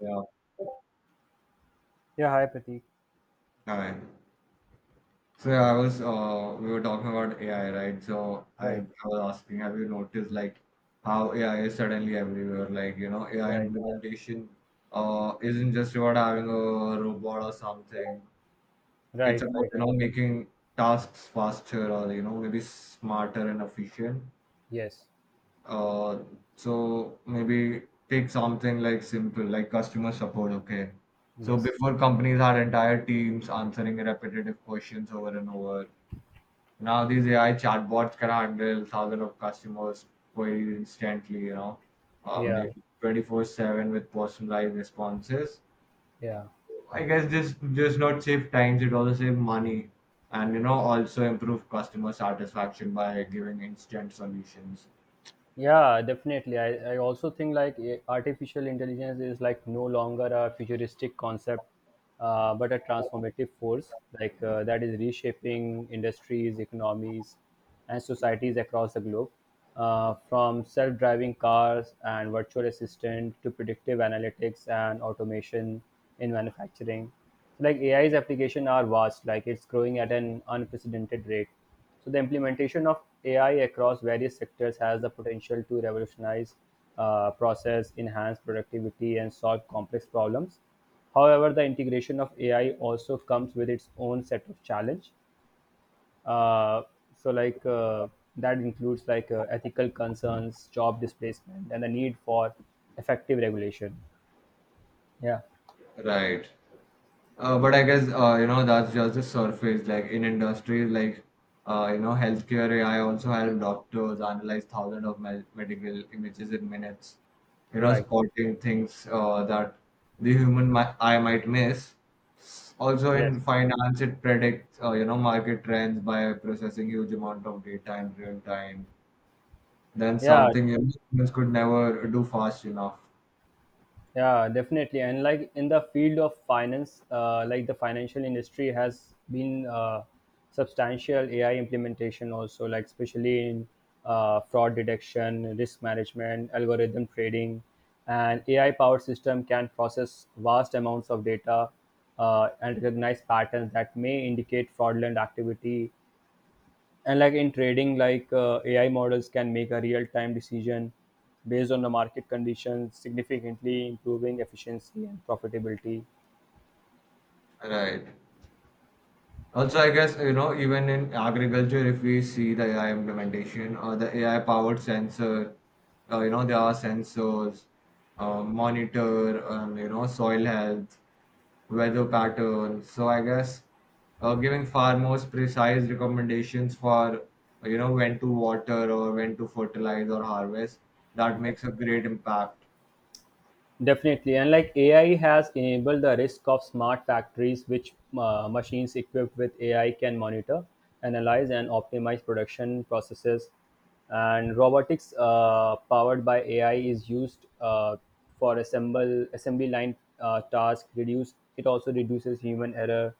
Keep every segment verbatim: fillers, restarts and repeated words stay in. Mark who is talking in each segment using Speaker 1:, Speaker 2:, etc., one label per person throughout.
Speaker 1: Yeah.
Speaker 2: Yeah, hi Pratik.
Speaker 1: Hi. So yeah, I was uh, we were talking about A I, right? So I,
Speaker 2: Right,
Speaker 1: I was asking, have you noticed like how A I is suddenly everywhere? Like, you know, A I
Speaker 2: right,
Speaker 1: implementation uh isn't just about having a robot or something. It's
Speaker 2: right,
Speaker 1: about,
Speaker 2: right,
Speaker 1: you
Speaker 2: right.
Speaker 1: know, making tasks faster or, you know, maybe smarter and efficient.
Speaker 2: Yes,
Speaker 1: Uh, so maybe take something like simple, like customer support, okay? So
Speaker 2: yes.
Speaker 1: before, companies had entire teams answering repetitive questions over and over. Now these A I chatbots can handle thousands of customers queries instantly, you know, uh,
Speaker 2: Yeah,
Speaker 1: maybe twenty four seven with personalized responses.
Speaker 2: yeah.
Speaker 1: I guess this just not save times, it also save money and you know also improve customer satisfaction by giving instant solutions.
Speaker 2: Yeah, definitely. I, I also think like eh, artificial intelligence is like no longer a futuristic concept, uh, but a transformative force like uh, that is reshaping industries, economies, and societies across the globe. Uh, from self-driving cars and virtual assistant to predictive analytics and automation in manufacturing, like A I's application are vast. Like it's growing at an unprecedented rate, so the implementation of A I across various sectors has the potential to revolutionize uh, process, enhance productivity, and solve complex problems. However, the integration of A I also comes with its own set of challenge. Uh, so, like uh, that includes like uh, ethical concerns, job displacement, and the need for effective regulation. Yeah.
Speaker 1: Right. Uh, but I guess uh, you know that's just the surface. Like in industries like uh, you know healthcare, A I also help doctors analyze thousands of me- medical images in minutes. You know,
Speaker 2: Right.
Speaker 1: spotting things uh, that the human mi- eye might miss. Also
Speaker 2: Yes.
Speaker 1: in finance, it predicts uh, you know market trends by processing huge amount of data in real time. Then
Speaker 2: Yeah.
Speaker 1: something, you know, humans could never do fast enough.
Speaker 2: Yeah. definitely. And like in the field of finance, uh, like the financial industry has been uh, substantial A I implementation also, like especially in uh, fraud detection, risk management, algorithm trading, and A I powered system can process vast amounts of data uh, and recognize patterns that may indicate fraudulent activity. And like in trading, like uh, AI models can make a real time decision based on the market conditions, significantly improving efficiency and profitability.
Speaker 1: Right. Also, I guess, you know, even in agriculture, if we see the A I implementation or the A I powered sensor, uh, you know, there are sensors, uh, monitor, um, you know, soil health, weather patterns. So, I guess uh, giving far more precise recommendations for, you know, when to water or when to fertilize or harvest, that makes a great impact.
Speaker 2: Definitely. And like AI has enabled the risk of smart factories, which uh, machines equipped with AI can monitor, analyze, and optimize production processes. And robotics uh, powered by AI is used uh, for assemble assembly line uh, task reduce it also reduces human error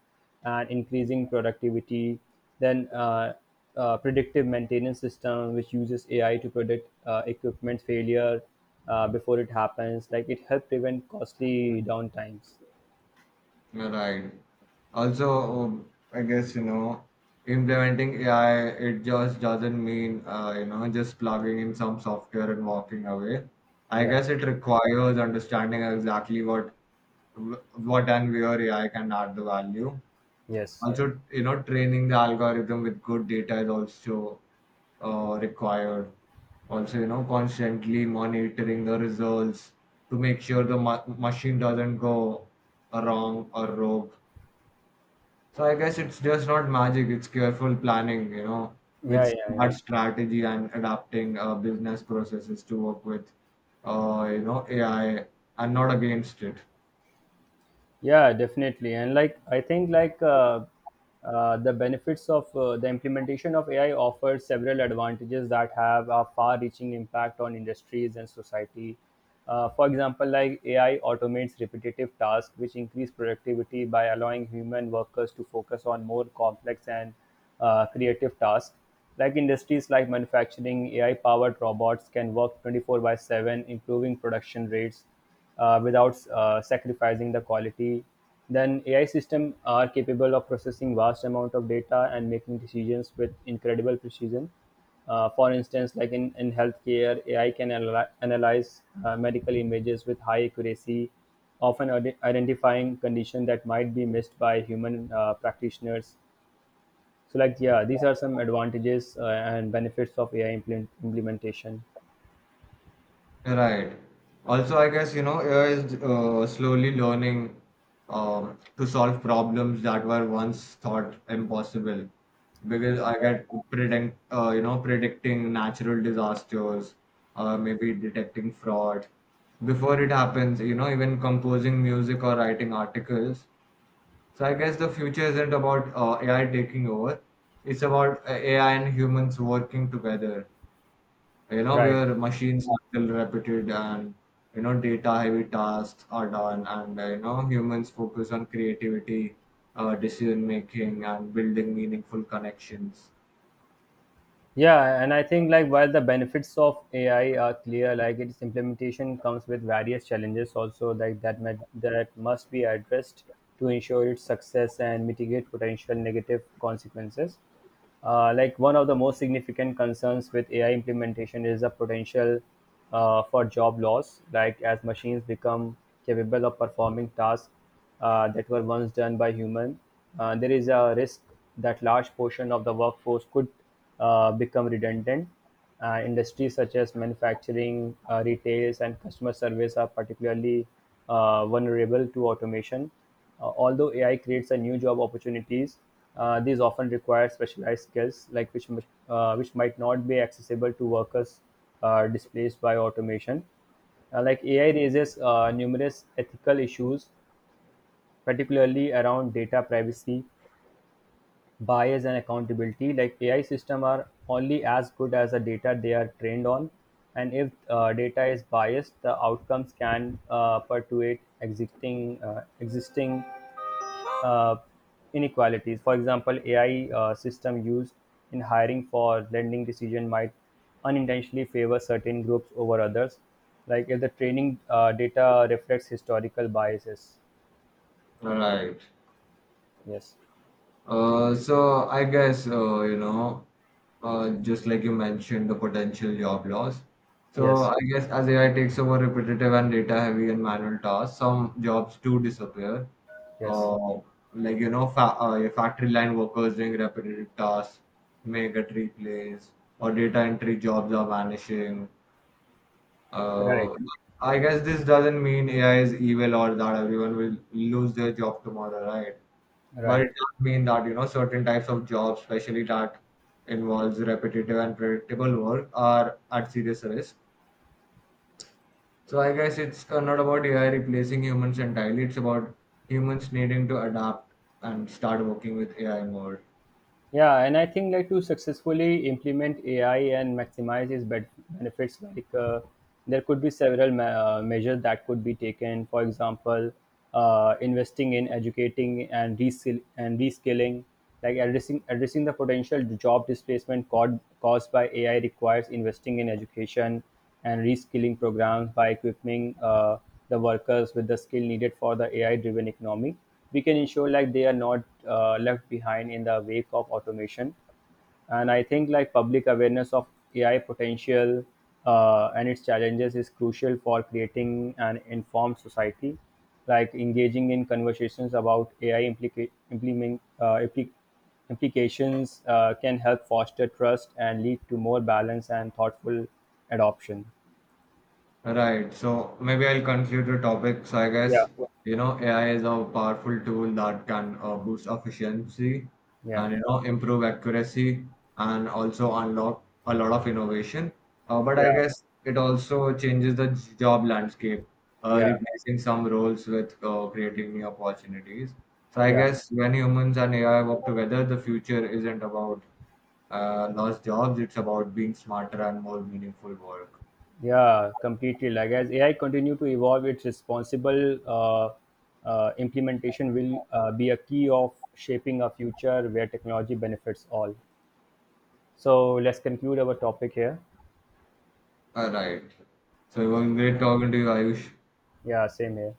Speaker 2: and increasing productivity. Then uh, uh, predictive maintenance system, which uses A I to predict uh, equipment failure uh, before it happens. Like it helps prevent costly downtimes.
Speaker 1: Right. Also, um, I guess, you know, implementing A I, it just doesn't mean, uh, you know, just plugging in some software and walking away. I
Speaker 2: Yeah.
Speaker 1: guess it requires understanding exactly what wh- what and where A I can add the value.
Speaker 2: Yes.
Speaker 1: Also, you know, training the algorithm with good data is also uh, required. Also, you know, constantly monitoring the results to make sure the ma- machine doesn't go wrong or rogue. So I guess it's just not magic, it's careful planning, you know,
Speaker 2: Yeah.
Speaker 1: with
Speaker 2: Yeah. Yeah.
Speaker 1: smart strategy and adapting uh, business processes to work with, uh, you know, A I and not against it.
Speaker 2: Yeah, definitely. And like I think like uh, uh, the benefits of uh, the implementation of AI offers several advantages that have a far reaching impact on industries and society. Uh, for example, like AI automates repetitive tasks which increase productivity by allowing human workers to focus on more complex and uh, creative tasks. Like industries like manufacturing, AI powered robots can work twenty four by seven, improving production rates uh, without uh, sacrificing the quality. Then A I systems are capable of processing vast amount of data and making decisions with incredible precision. Uh, for instance, like in, in healthcare, A I can analy- analyze uh, medical images with high accuracy, often ide- identifying condition that might be missed by human uh, practitioners. So, like, yeah, these are some advantages uh, and benefits of A I implement- implementation.
Speaker 1: Right. Also, I guess, you know, A I is uh, slowly learning, um, to solve problems that were once thought impossible. Because I get predict, uh, you know, predicting natural disasters, uh, maybe detecting fraud before it happens, you know, even composing music or writing articles. So I guess the future isn't about uh, A I taking over. It's about uh, A I and humans working together, like, you know,
Speaker 2: Right.
Speaker 1: where machines handle repeated and, you know, data heavy tasks are done, and uh, you know, humans focus on creativity, uh, decision making, and building meaningful connections.
Speaker 2: Yeah, and I think like while the benefits of A I are clear, like its implementation comes with various challenges also, like that might, that must be addressed to ensure its success and mitigate potential negative consequences. Uh, like one of the most significant concerns with A I implementation is the potential uh, for job loss. Like as machines become capable of performing tasks uh, that were once done by human, uh, there is a risk that large portion of the workforce could uh, become redundant. Uh, industries such as manufacturing, uh, retail, and customer service are particularly uh, vulnerable to automation. Uh, although A I creates a new job opportunities, uh, these often require specialized skills, like which uh, which might not be accessible to workers uh, displaced by automation. Uh, Like A I raises uh, numerous ethical issues, particularly around data privacy, bias, and accountability. Like A I systems are only as good as the data they are trained on, and if uh, data is biased, the outcomes can uh, perpetuate existing uh, existing uh, inequalities. For example, A I uh, system used in hiring for lending decision might unintentionally favor certain groups over others, like if the training uh, data reflects historical biases.
Speaker 1: Right.
Speaker 2: Yes,
Speaker 1: Uh, so I guess, uh, you know, uh, just like you mentioned, the potential job loss. So
Speaker 2: yes,
Speaker 1: I guess as A I takes over repetitive and data-heavy and manual tasks, some jobs do disappear.
Speaker 2: yes.
Speaker 1: Uh, like you know, fa uh, your factory line workers doing repetitive tasks may get replaced, or data entry jobs are vanishing.
Speaker 2: Right,
Speaker 1: Uh, I guess this doesn't mean A I is evil or that everyone will lose their job tomorrow, right? But it
Speaker 2: right.
Speaker 1: does mean that, you know, certain types of jobs, especially that involves repetitive and predictable work, are at serious risk. So I guess it's uh, not about A I replacing humans entirely. It's about humans needing to adapt and start working with A I more.
Speaker 2: Yeah, and I think like to successfully implement A I and maximize its ben- benefits, like uh, there could be several ma- uh, measures that could be taken. For example, uh, investing in educating and reskill and reskilling, like addressing addressing the potential job displacement caused caused by A I requires investing in education and reskilling programs. By equipping uh, the workers with the skill needed for the A I-driven economy, we can ensure like they are not uh, left behind in the wake of automation. And I think like public awareness of AI potential uh, and its challenges is crucial for creating an informed society. Like engaging in conversations about AI implica- implement, uh, impli- implications uh, can help foster trust and lead to more balanced and thoughtful adoption.
Speaker 1: Right. So maybe I'll conclude the topic. So I
Speaker 2: Yeah,
Speaker 1: guess, you know, A I is a powerful tool that can uh, boost efficiency
Speaker 2: yeah,
Speaker 1: and, you know, improve accuracy and also unlock a lot of innovation. Uh, but I
Speaker 2: yeah,
Speaker 1: guess it also changes the j- job landscape, uh,
Speaker 2: yeah,
Speaker 1: replacing some roles with uh, creating new opportunities. So I
Speaker 2: yeah.
Speaker 1: guess when humans and A I work together, the future isn't about uh, lost jobs, it's about being smarter and more meaningful work.
Speaker 2: Yeah, completely. Like as A I continue to evolve, its responsible uh, uh, implementation will uh, be a key of shaping a future where technology benefits all. So let's conclude our topic here.
Speaker 1: Alright. So it
Speaker 2: Okay.
Speaker 1: was great talking to you, Ayush.
Speaker 2: Yeah, same here.